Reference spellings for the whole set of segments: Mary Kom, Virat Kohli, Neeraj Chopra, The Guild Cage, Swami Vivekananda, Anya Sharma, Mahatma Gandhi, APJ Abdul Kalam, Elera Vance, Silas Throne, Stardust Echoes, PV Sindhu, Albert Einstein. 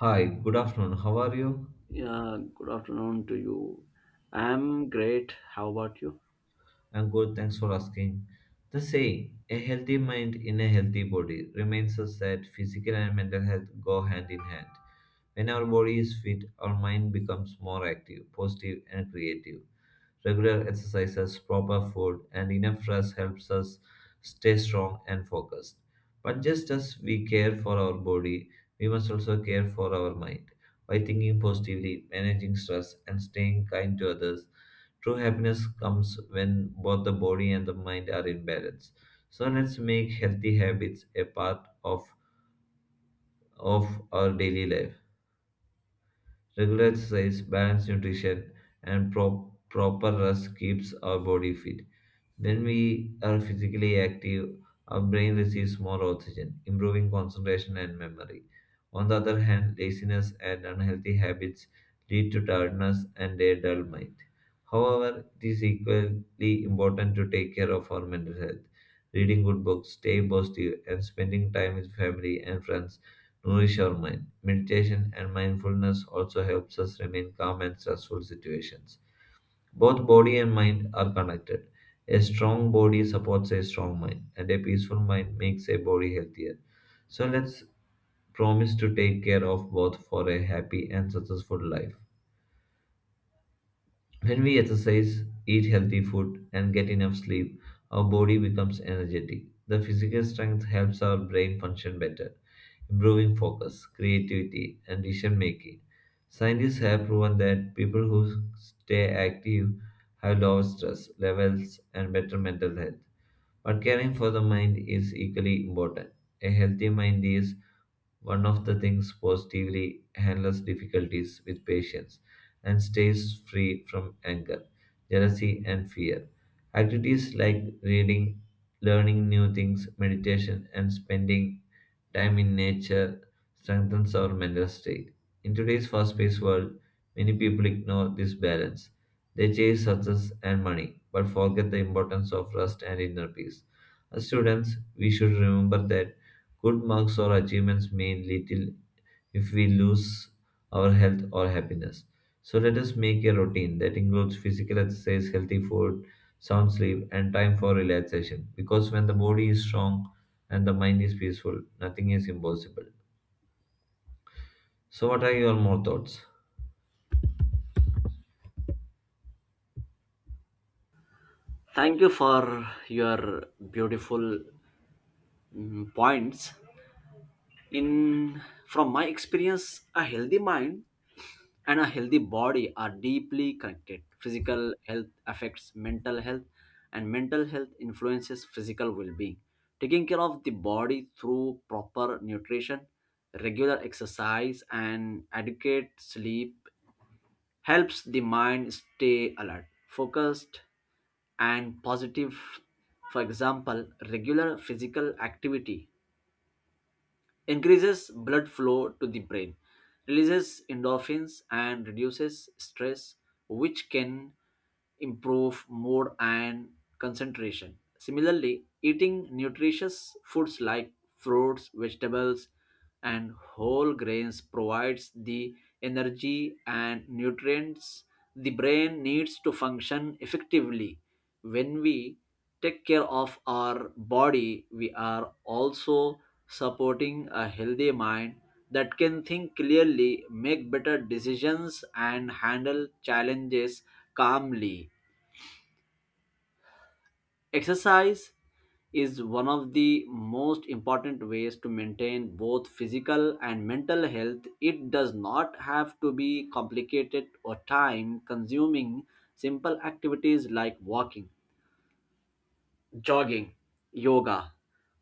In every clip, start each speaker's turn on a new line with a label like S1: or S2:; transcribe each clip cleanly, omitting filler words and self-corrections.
S1: Hi, good afternoon. How are you?
S2: Yeah, good afternoon to you. I'm great. How about you?
S1: I'm good, thanks for asking. The saying, a healthy mind in a healthy body, reminds us that physical and mental health go hand in hand. When our body is fit, our mind becomes more active, positive, and creative. Regular exercises, proper food, and enough rest helps us stay strong and focused. But just as we care for our body, we must also care for our mind. By thinking positively, managing stress, and staying kind to others, true happiness comes when both the body and the mind are in balance. So let's make healthy habits of our daily life. Regular exercise, balanced nutrition, and proper rest keeps our body fit. When we are physically active, our brain receives more oxygen, improving concentration and memory. On the other hand, laziness and unhealthy habits lead to tiredness and a dull mind. However, it is equally important to take care of our mental health. Reading good books, stay positive, and spending time with family and friends nourish our mind. Meditation and mindfulness also helps us remain calm in stressful situations. Both body and mind are connected. A strong body supports a strong mind, and a peaceful mind makes a body healthier. So let's promise to take care of both for a happy and successful life. When we exercise, eat healthy food, and get enough sleep, our body becomes energetic. The physical strength helps our brain function better, improving focus, creativity, and decision making. Scientists have proven that people who stay active have lower stress levels and better mental health. But caring for the mind is equally important. A healthy mind is one of the things positively handles difficulties with patience and stays free from anger, jealousy, and fear. Activities like reading, learning new things, meditation, and spending time in nature strengthens our mental state. In today's fast-paced world, many people ignore this balance. They chase success and money, but forget the importance of rest and inner peace. As students, we should remember that good marks or achievements mean little if we lose our health or happiness. So let us make a routine that includes physical exercise, healthy food, sound sleep, and time for relaxation. Because when the body is strong and the mind is peaceful, nothing is impossible. So, what are your more thoughts?
S2: Thank you for your beautiful points. In from my experience, a healthy mind and a healthy body are deeply connected. Physical health affects mental health, and mental health influences physical well-being. Taking care of the body through proper nutrition, regular exercise, and adequate sleep helps the mind stay alert, focused, and positive. For example, regular physical activity increases blood flow to the brain, releases endorphins, and reduces stress, which can improve mood and concentration. Similarly, eating nutritious foods like fruits, vegetables, and whole grains provides the energy and nutrients the brain needs to function effectively. When we take care of our body, we are also supporting a healthy mind that can think clearly, make better decisions, and handle challenges calmly. Exercise is one of the most important ways to maintain both physical and mental health. It does not have to be complicated or time consuming. Simple activities like walking, jogging, yoga,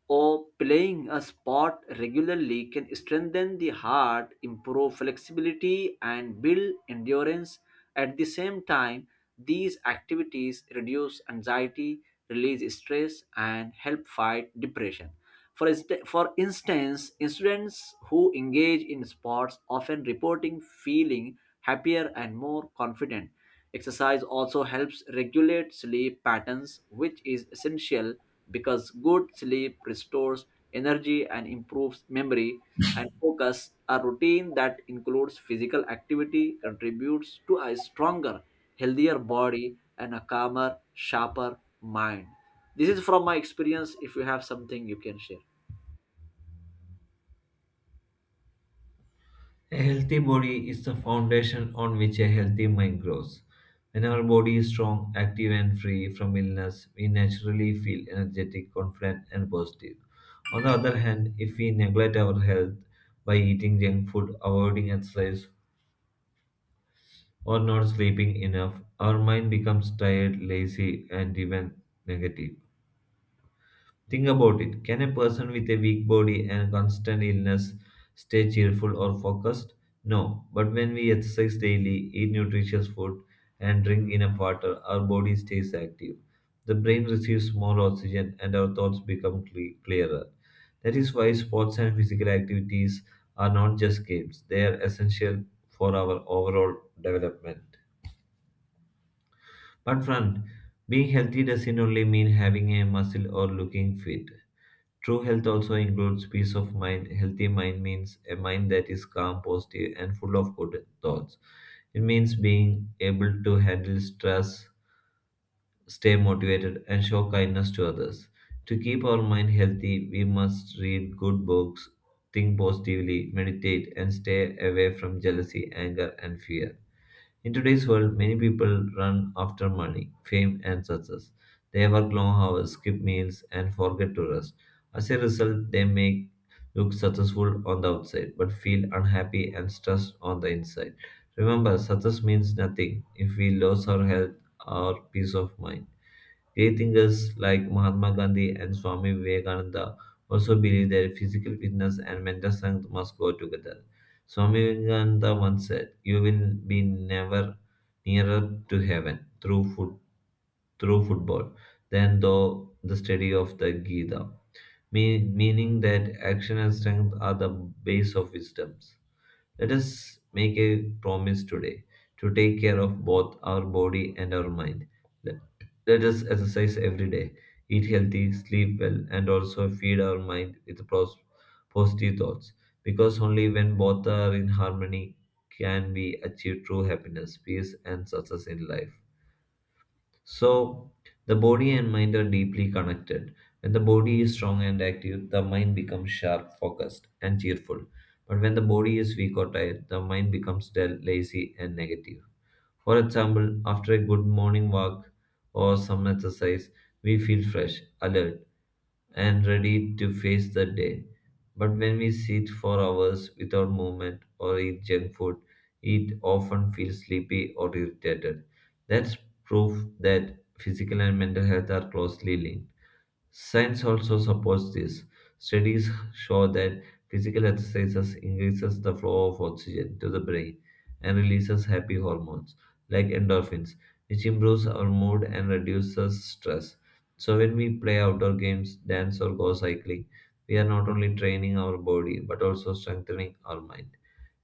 S2: or playing a sport regularly can strengthen the heart, improve flexibility, and build endurance. At the same time, these activities reduce anxiety, release stress, and help fight depression. For instance, students who engage in sports often reporting feeling happier and more confident. Exercise also helps regulate sleep patterns, which is essential because good sleep restores energy and improves memory and focus. A routine that includes physical activity contributes to a stronger, healthier body and a calmer, sharper mind. This is from my experience. If you have something you can share.
S1: A healthy body is the foundation on which a healthy mind grows. When our body is strong, active, and free from illness, we naturally feel energetic, confident, and positive. On the other hand, if we neglect our health by eating junk food, avoiding exercise, or not sleeping enough, our mind becomes tired, lazy, and even negative. Think about it. Can a person with a weak body and constant illness stay cheerful or focused? No. But when we exercise daily, eat nutritious food, and drink enough water, our body stays active. The brain receives more oxygen and our thoughts become clearer. That is why sports and physical activities are not just games, they are essential for our overall development. But friend, being healthy doesn't only mean having a muscle or looking fit. True health also includes peace of mind. Healthy mind means a mind that is calm, positive, and full of good thoughts. It means being able to handle stress, stay motivated, and show kindness to others. To keep our mind healthy, we must read good books, think positively, meditate, and stay away from jealousy, anger, and fear. In today's world, many people run after money, fame, and success. They work long hours, skip meals, and forget to rest. As a result, they may look successful on the outside, but feel unhappy and stressed on the inside. Remember, success means nothing if we lose our health or peace of mind. Great thinkers like Mahatma Gandhi and Swami Vivekananda also believed that physical fitness and mental strength must go together. Swami Vivekananda once said, "You will be never nearer to heaven through football than through the study of the Gita." Meaning that action and strength are the base of wisdoms. Let us make a promise today to take care of both our body and our mind. Let, Let us exercise every day, eat healthy, sleep well, and also feed our mind with positive thoughts. Because only when both are in harmony can we achieve true happiness, peace, and success in life. So, the body and mind are deeply connected. When the body is strong and active, the mind becomes sharp, focused, and cheerful. But when the body is weak or tired, the mind becomes dull, lazy, and negative. For example, after a good morning walk or some exercise, we feel fresh, alert, and ready to face the day. But when we sit for hours without movement or eat junk food, it often feels sleepy or irritated. That's proof that physical and mental health are closely linked. Science also supports this. Studies show that physical exercises increases the flow of oxygen to the brain and releases happy hormones like endorphins, which improves our mood and reduces stress. So when we play outdoor games, dance or go cycling, we are not only training our body but also strengthening our mind.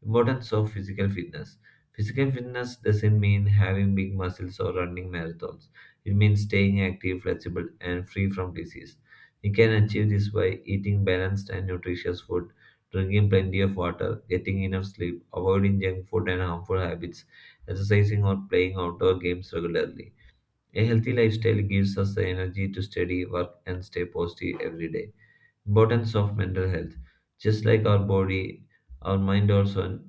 S1: Importance of physical fitness. Physical fitness doesn't mean having big muscles or running marathons. It means staying active, flexible, and free from disease. We can achieve this by eating balanced and nutritious food, drinking plenty of water, getting enough sleep, avoiding junk food and harmful habits, exercising or playing outdoor games regularly. A healthy lifestyle gives us the energy to study, work, and stay positive every day. Importance of mental health. Just like our body, our mind also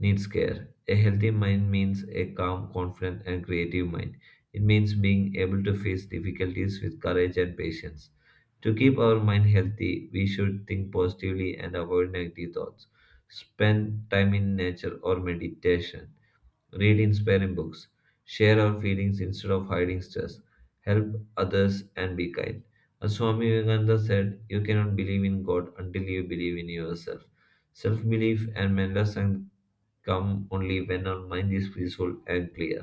S1: needs care. A healthy mind means a calm, confident, and creative mind. It means being able to face difficulties with courage and patience. To keep our mind healthy, we should think positively and avoid negative thoughts. Spend time in nature or meditation. Read inspiring books. Share our feelings instead of hiding stress. Help others and be kind. As Swami Vivekananda said, you cannot believe in God until you believe in yourself. Self belief and mental strength come only when our mind is peaceful and clear.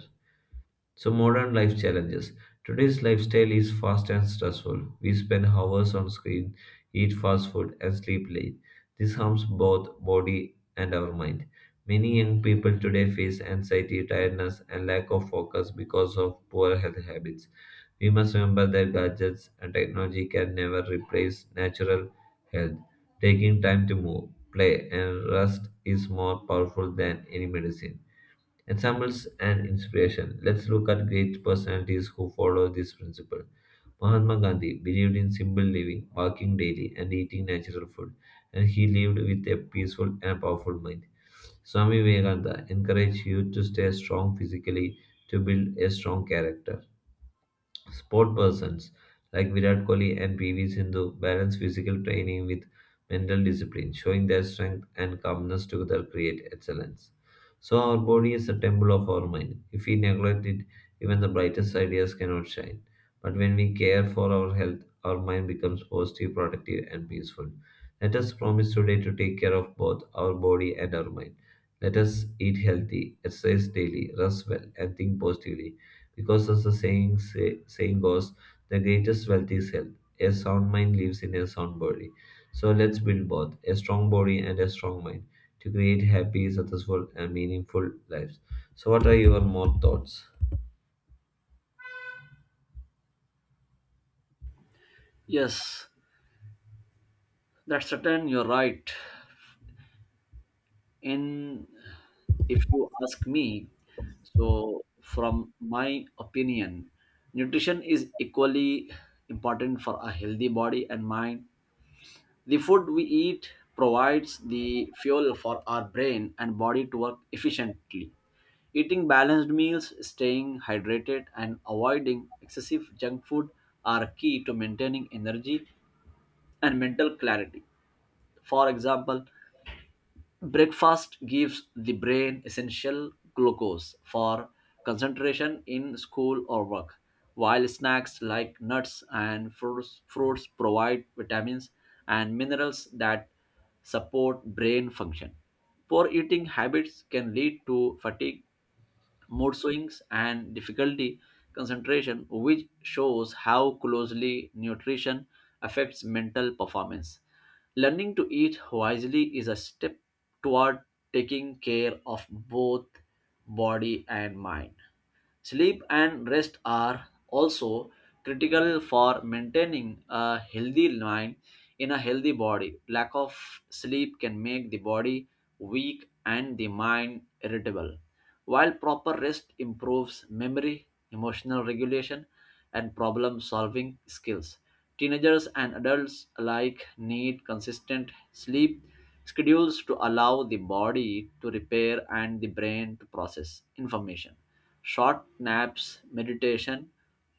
S1: So, modern life challenges. Today's lifestyle is fast and stressful. We spend hours on screen, eat fast food, and sleep late. This harms both body and our mind. Many young people today face anxiety, tiredness, and lack of focus because of poor health habits. We must remember that gadgets and technology can never replace natural health. Taking time to move, play, and rest is more powerful than any medicine. Examples and inspiration. Let's look at great personalities who follow this principle. Mahatma Gandhi believed in simple living, walking daily, and eating natural food, and he lived with a peaceful and powerful mind. Swami Vivekananda encouraged youth to stay strong physically to build a strong character. Sport persons like Virat Kohli and PV Sindhu balance physical training with mental discipline, showing their strength and calmness together create excellence. So our body is a temple of our mind. If we neglect it, even the brightest ideas cannot shine. But when we care for our health, our mind becomes positive, productive, and peaceful. Let us promise today to take care of both our body and our mind. Let us eat healthy, exercise daily, rest well, and think positively because as the saying goes, the greatest wealth is health. A sound mind lives in a sound body. So let's build both a strong body and a strong mind to create happy, successful, and meaningful lives. So, what are your more thoughts?
S2: Yes, that's certain. You're right. In if you ask me, so from my opinion, nutrition is equally important for a healthy body and mind. The food we eat provides the fuel for our brain and body to work efficiently. Eating balanced meals, staying hydrated, and avoiding excessive junk food are key to maintaining energy and mental clarity. For example, breakfast gives the brain essential glucose for concentration in school or work, while snacks like nuts and fruits provide vitamins and minerals that support brain function. Poor eating habits can lead to fatigue, mood swings, and difficulty concentration, which shows how closely nutrition affects mental performance. Learning to eat wisely is a step toward taking care of both body and mind. Sleep and rest are also critical for maintaining a healthy mind in a healthy body. Lack of sleep can make the body weak and the mind irritable, while proper rest improves memory, emotional regulation, and problem solving skills. Teenagers and adults alike need consistent sleep schedules to allow the body to repair and the brain to process information. Short naps, meditation,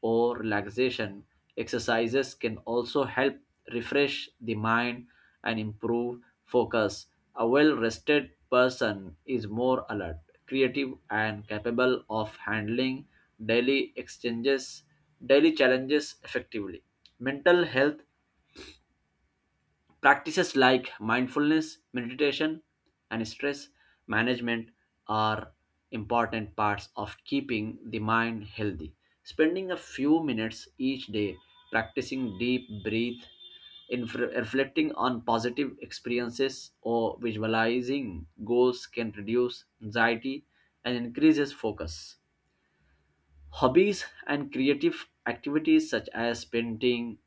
S2: or relaxation exercises can also help refresh the mind and improve focus. A well rested person is more alert, creative, and capable of handling daily exchanges, daily challenges effectively. Mental health practices like mindfulness, meditation, and stress management are important parts of keeping the mind healthy. Spending a few minutes each day practicing deep breath, reflecting on positive experiences, or visualizing goals can reduce anxiety and increases focus. Hobbies and creative activities such as painting,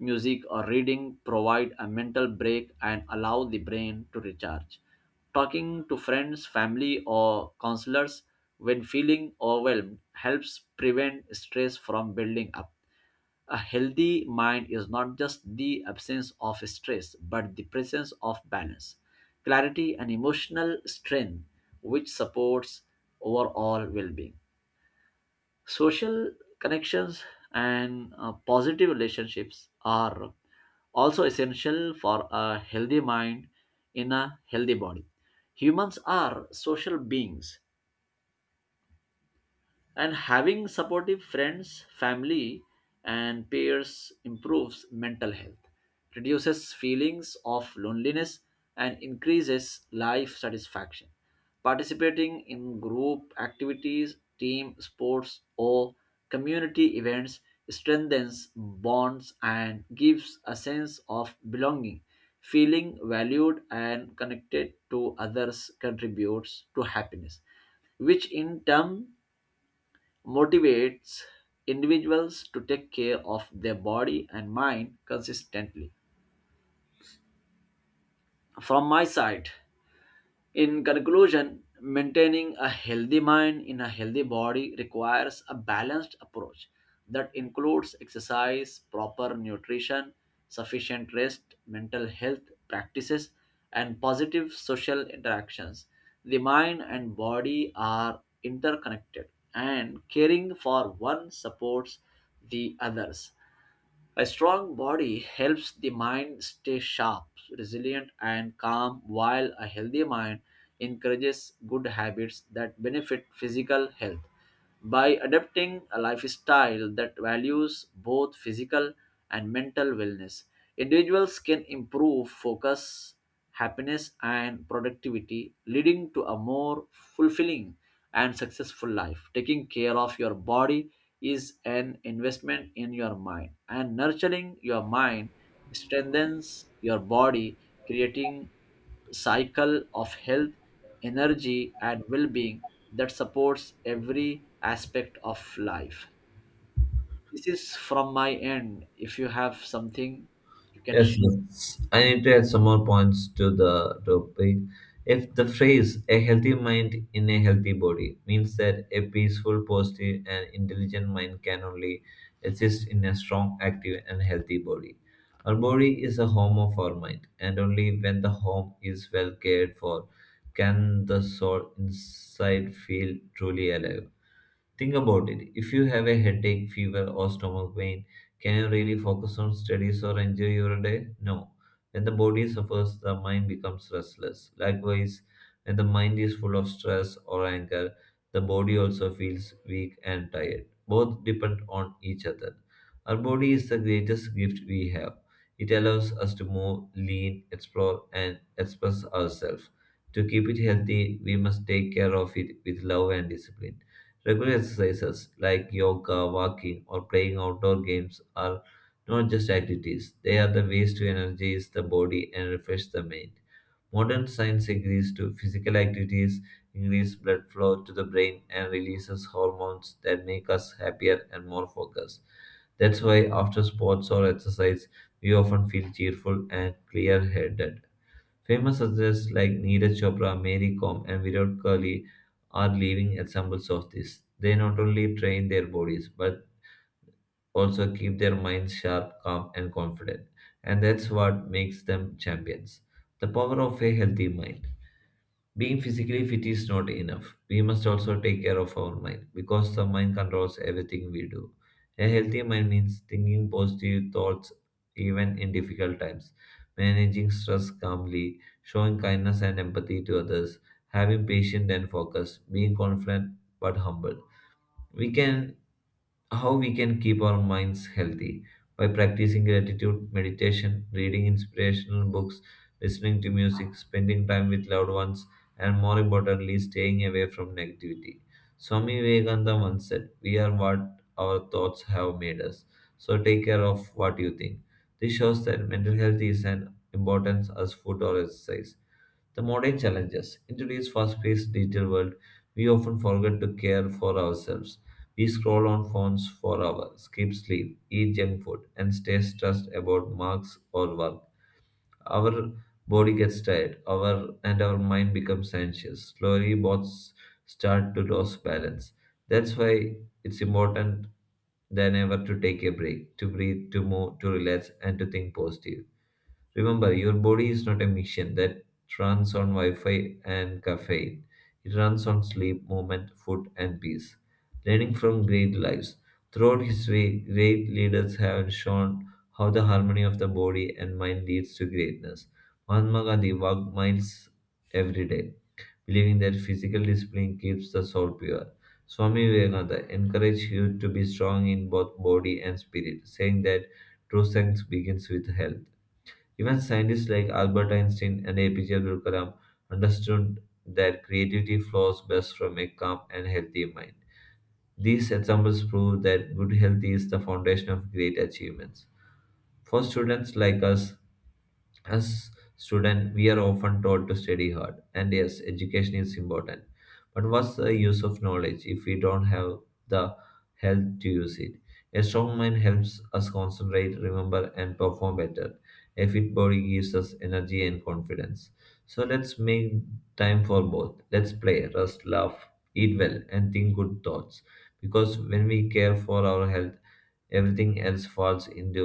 S2: music, or reading provide a mental break and allow the brain to recharge. Talking to friends, family, or counselors when feeling overwhelmed helps prevent stress from building up. A healthy mind is not just the absence of stress, but the presence of balance, clarity, and emotional strength, which supports overall well being. Social connections and positive relationships are also essential for a healthy mind in a healthy body. Humans are social beings and having supportive friends, family, and peers improves mental health, reduces feelings of loneliness, and increases life satisfaction. Participating in group activities, team sports, or community events strengthens bonds and gives a sense of belonging. Feeling valued and connected to others contributes to happiness, which in turn motivates individuals to take care of their body and mind consistently. From my side, in conclusion, maintaining a healthy mind in a healthy body requires a balanced approach that includes exercise, proper nutrition, sufficient rest, mental health practices, and positive social interactions. The mind and body are interconnected, and caring for one supports the others. A strong body helps the mind stay sharp, resilient, and calm, while a healthy mind encourages good habits that benefit physical health. By adopting a lifestyle that values both physical and mental wellness, individuals can improve focus, happiness, and productivity, leading to a more fulfilling and successful life. Taking care of your body is an investment in your mind, and nurturing your mind strengthens your body, creating cycle of health, energy, and well being that supports every aspect of life. This is from my end. If you have something, you can
S1: Yes,
S2: share.
S1: yes. I need to add some more points to the topic. If the phrase a healthy mind in a healthy body means that a peaceful, positive, and intelligent mind can only exist in a strong, active, and healthy body. Our body is a home of our mind, and only when the home is well cared for can the soul inside feel truly alive. Think about it. If you have a headache, fever, or stomach pain, can you really focus on studies or enjoy your day? No. When the body suffers, the mind becomes restless. Likewise, when the mind is full of stress or anger, the body also feels weak and tired. Both depend on each other. Our body is the greatest gift we have. It allows us to move, lean, explore, and express ourselves. To keep it healthy, we must take care of it with love and discipline. Regular exercises like yoga, walking, or playing outdoor games are not just activities, they are the ways to energize the body and refresh the mind. Modern science agrees to physical activities increase blood flow to the brain and releases hormones that make us happier and more focused. That's why after sports or exercise, we often feel cheerful and clear-headed. Famous artists like Neeraj Chopra, Mary Kom, and Virat Kohli are living examples of this. They not only train their bodies but also keep their minds sharp, calm, and confident, and that's what makes them champions. The power of a healthy mind. Being physically fit is not enough. We must also take care of our mind because the mind controls everything we do. A healthy mind means thinking positive thoughts even in difficult times, managing stress calmly, showing kindness and empathy to others, having patience and focus, being confident but humble. We can How we can keep our minds healthy: by practicing gratitude, meditation, reading inspirational books, listening to music, spending time with loved ones, and more importantly staying away from negativity. Swami Vivekananda once said, we are what our thoughts have made us, so take care of what you think. This shows that mental health is an importance as food or exercise. The modern challenges in today's fast-paced digital world, we often forget to care for ourselves. We scroll on phones for hours, skip sleep, eat junk food, and stay stressed about marks or work. Our body gets tired, our And our mind becomes anxious. Slowly, both start to lose balance. That's why it's important than ever to take a break, to breathe, to move, to relax, and to think positive. Remember, your body is not a machine that runs on Wi Fi and caffeine. It runs on sleep, movement, food, and peace. Learning from great lives. Throughout history, great leaders have shown how the harmony of the body and mind leads to greatness. Mahatma Gandhi walked miles every day, believing that physical discipline keeps the soul pure. Swami Vivekananda encouraged you to be strong in both body and spirit, saying that true strength begins with health. Even scientists like Albert Einstein and APJ Abdul Kalam understood that creativity flows best from a calm and healthy mind. These examples prove that good health is the foundation of great achievements. For students like us, as students, we are often told to study hard, and yes, education is important. But what's the use of knowledge if we don't have the health to use it? A strong mind helps us concentrate, remember, and perform better. A fit body gives us energy and confidence. So let's make time for both. Let's play, rest, laugh, eat well, and think good thoughts. Because when we care for our health, everything else falls into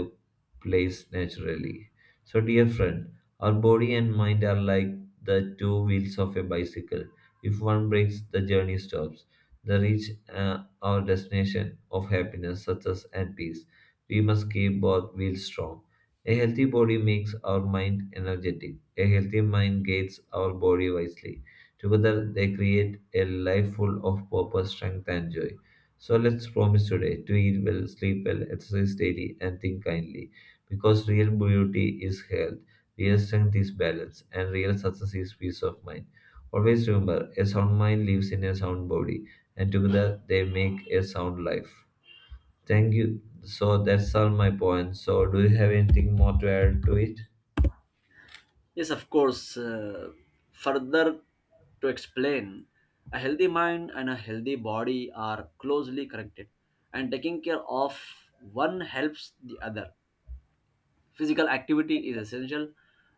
S1: place naturally. So, dear friend, our body and mind are like the two wheels of a bicycle. If one breaks, the journey stops. The reach our destination of happiness, success, and peace. We must keep both wheels strong. A healthy body makes our mind energetic. A healthy mind guides our body wisely. Together, they create a life full of purpose, strength, and joy. So let's promise today to eat well, sleep well, exercise daily, and think kindly. Because real beauty is health, real strength is balance, and real success is peace of mind. Always remember, a sound mind lives in a sound body, and together they make a sound life. Thank you. So that's all my points. So do you have anything more to add to it?
S2: Yes, of course. Further to explain, a healthy mind and a healthy body are closely connected, and taking care of one helps the other. Physical activity is essential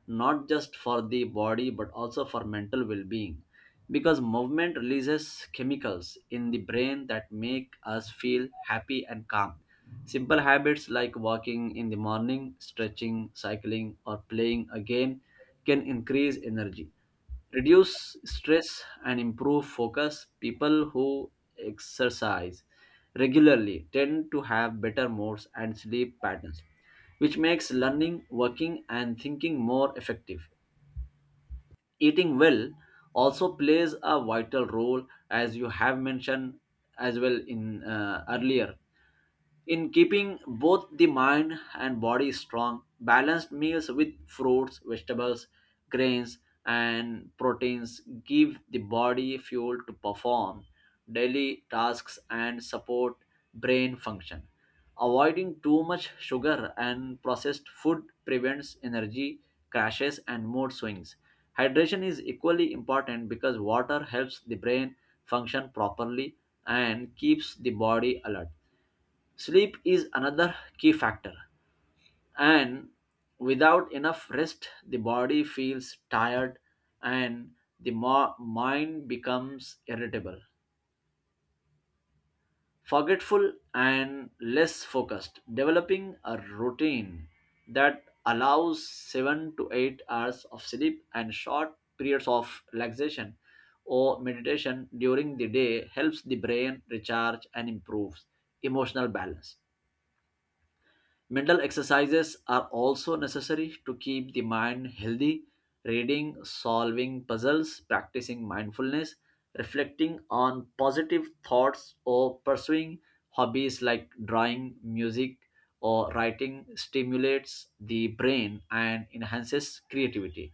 S2: not just for the body but also for mental well being, because movement releases chemicals in the brain that make us feel happy and calm. Simple habits like walking in the morning, stretching, cycling, or playing a game can increase energy, reduce stress, and improve focus. People who exercise regularly tend to have better moods and sleep patterns, which makes learning, working, and thinking more effective. Eating well also plays a vital role, as you have mentioned as well in earlier, in keeping both the mind and body strong. Balanced meals with fruits, vegetables, grains, and proteins give the body fuel to perform daily tasks and support brain function. Avoiding too much sugar and processed food prevents energy crashes and mood swings. Hydration is equally important because water helps the brain function properly and keeps the body alert. Sleep is another key factor, and without enough rest, the body feels tired and the mind becomes irritable, forgetful, and less focused. Developing a routine that allows 7 to 8 hours of sleep and short periods of relaxation or meditation during the day helps the brain recharge and improves emotional balance. Mental exercises are also necessary to keep the mind healthy. Reading, solving puzzles, practicing mindfulness, reflecting on positive thoughts, or pursuing hobbies like drawing, music, or writing stimulates the brain and enhances creativity.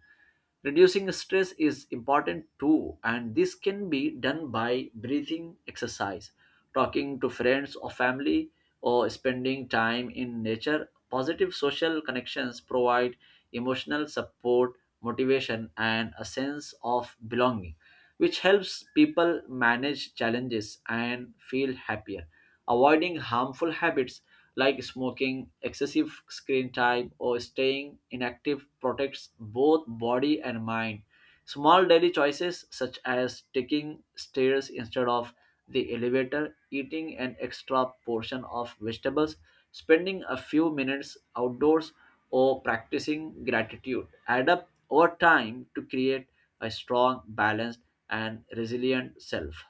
S2: Reducing stress is important too, and this can be done by breathing exercise, talking to friends or family, or spending time in nature. Positive social connections provide emotional support, motivation, and a sense of belonging, which helps people manage challenges and feel happier. Avoiding harmful habits like smoking, excessive screen time, or staying inactive protects both body and mind. Small daily choices such as taking stairs instead of the elevator, eating an extra portion of vegetables, spending a few minutes outdoors, or practicing gratitude add up over time to create a strong, balanced, and resilient self.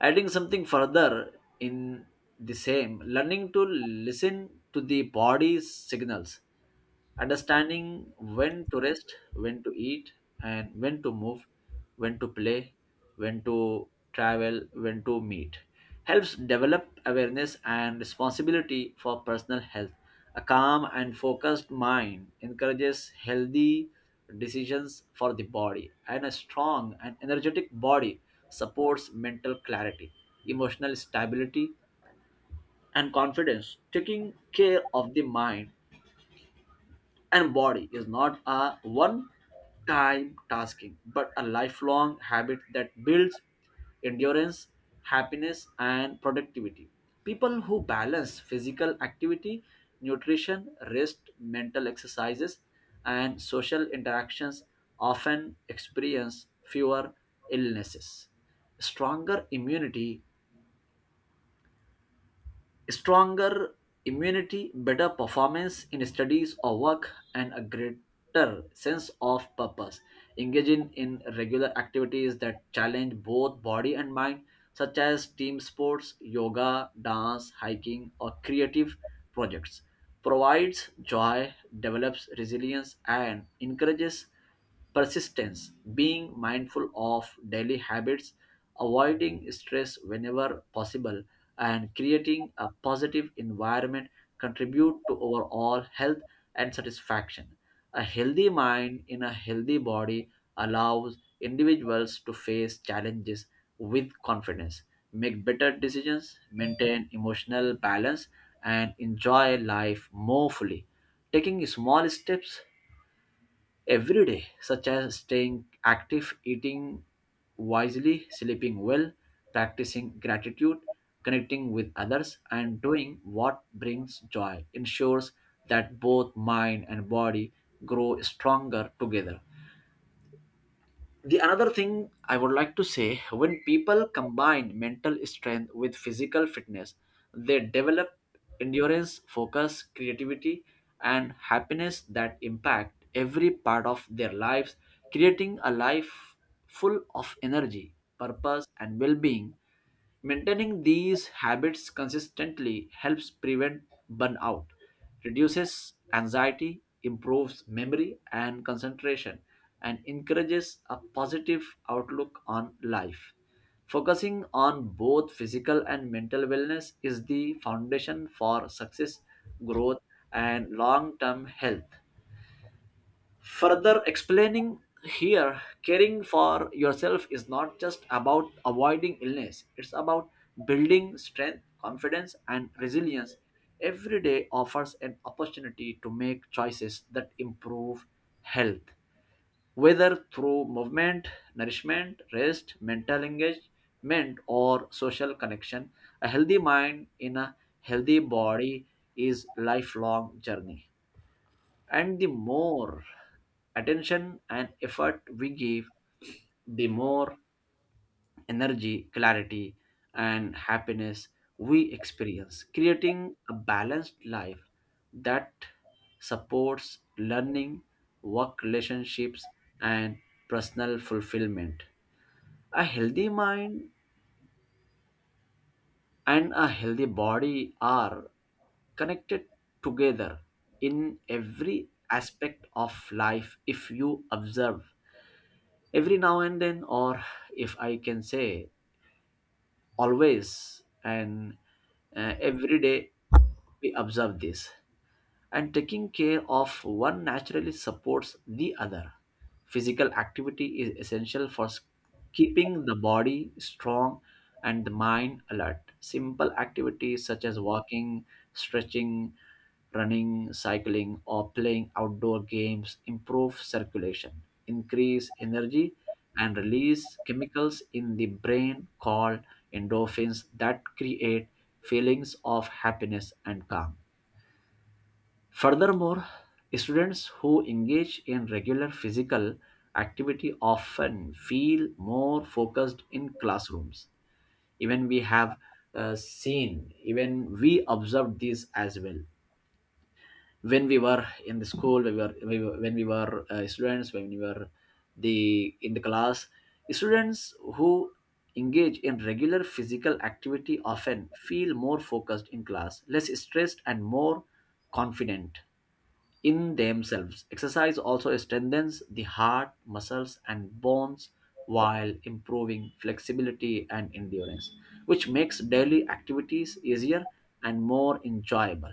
S2: Adding something further in the same, learning to listen to the body's signals, understanding when to rest, when to eat, and when to move, when to play, when to travel, when to meet, helps develop awareness and responsibility for personal health. A calm and focused mind encourages healthy decisions for the body, and a strong and energetic body supports mental clarity, emotional stability, and confidence. Taking care of the mind and body is not a one time tasking, but a lifelong habit that builds endurance, happiness, and productivity. People who balance physical activity, nutrition, rest, mental exercises, and social interactions often experience fewer illnesses, stronger immunity, stronger immunity, better performance in studies or work, and a greater sense of purpose. Engaging in regular activities that challenge both body and mind, such as team sports, yoga, dance, hiking, or creative projects, provides joy, develops resilience, and encourages persistence. Being mindful of daily habits, avoiding stress whenever possible, and creating a positive environment contribute to overall health and satisfaction. A healthy mind in a healthy body allows individuals to face challenges with confidence, make better decisions, maintain emotional balance, and enjoy life more fully. Taking small steps every day, such as staying active, eating wisely, sleeping well, practicing gratitude, connecting with others, and doing what brings joy, ensures that both mind and body grow stronger together. The another thing I would like to say, when people combine mental strength with physical fitness, they develop endurance, focus, creativity, and happiness that impact every part of their lives, creating a life full of energy, purpose, and well-being. Maintaining these habits consistently helps prevent burnout, reduces anxiety, improves memory and concentration, and encourages a positive outlook on life. Focusing on both physical and mental wellness is the foundation for success, growth, and long term health. Further explaining here, caring for yourself is not just about avoiding illness, it's about building strength, confidence, and resilience. Every day offers an opportunity to make choices that improve health, whether through movement, nourishment, rest, mental engagement, or social connection. A healthy mind in a healthy body is lifelong journey. And the more attention and effort we give, the more energy, clarity, and happiness we experience, creating a balanced life that supports learning, work relationships, and personal fulfillment. A healthy mind and a healthy body are connected together in every aspect of life. If you observe every now and then, or if I can say always and every day, we observe this, and taking care of one naturally supports the other. Physical activity is essential for keeping the body strong and the mind alert. Simple activities such as walking, stretching, running, cycling, or playing outdoor games improve circulation, increase energy, and release chemicals in the brain called endorphins that create feelings of happiness and calm. Furthermore, students who engage in regular physical activity often feel more focused in classrooms. Even we have seen, even we observed this as well. When we were in the school, we were when we were the in the class, students who engage in regular physical activity often feel more focused in class, less stressed, and more confident in themselves. Exercise also strengthens the heart, muscles, and bones while improving flexibility and endurance, which makes daily activities easier and more enjoyable.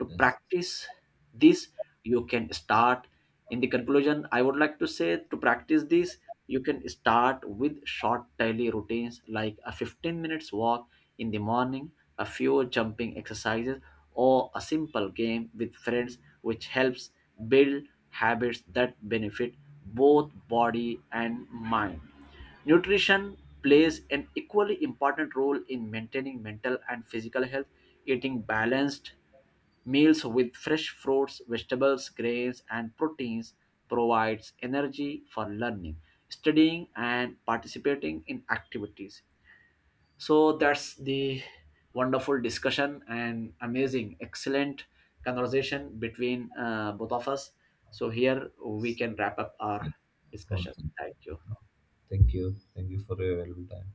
S2: To
S1: Yes.
S2: practice this, you can start. In the conclusion, I would like to say, to practice this, you can start with short daily routines like a 15 minutes walk in the morning, a few jumping exercises, or a simple game with friends, which helps build habits that benefit both body and mind. Nutrition plays an equally important role in maintaining mental and physical health. Eating balanced meals with fresh fruits, vegetables, grains, and proteins provides energy for learning, studying, and participating in activities. So that's the wonderful discussion and amazing, excellent conversation between both of us. So here we can wrap up our discussion.
S1: Awesome.
S2: Thank you.
S1: Thank you. Thank you for your valuable time.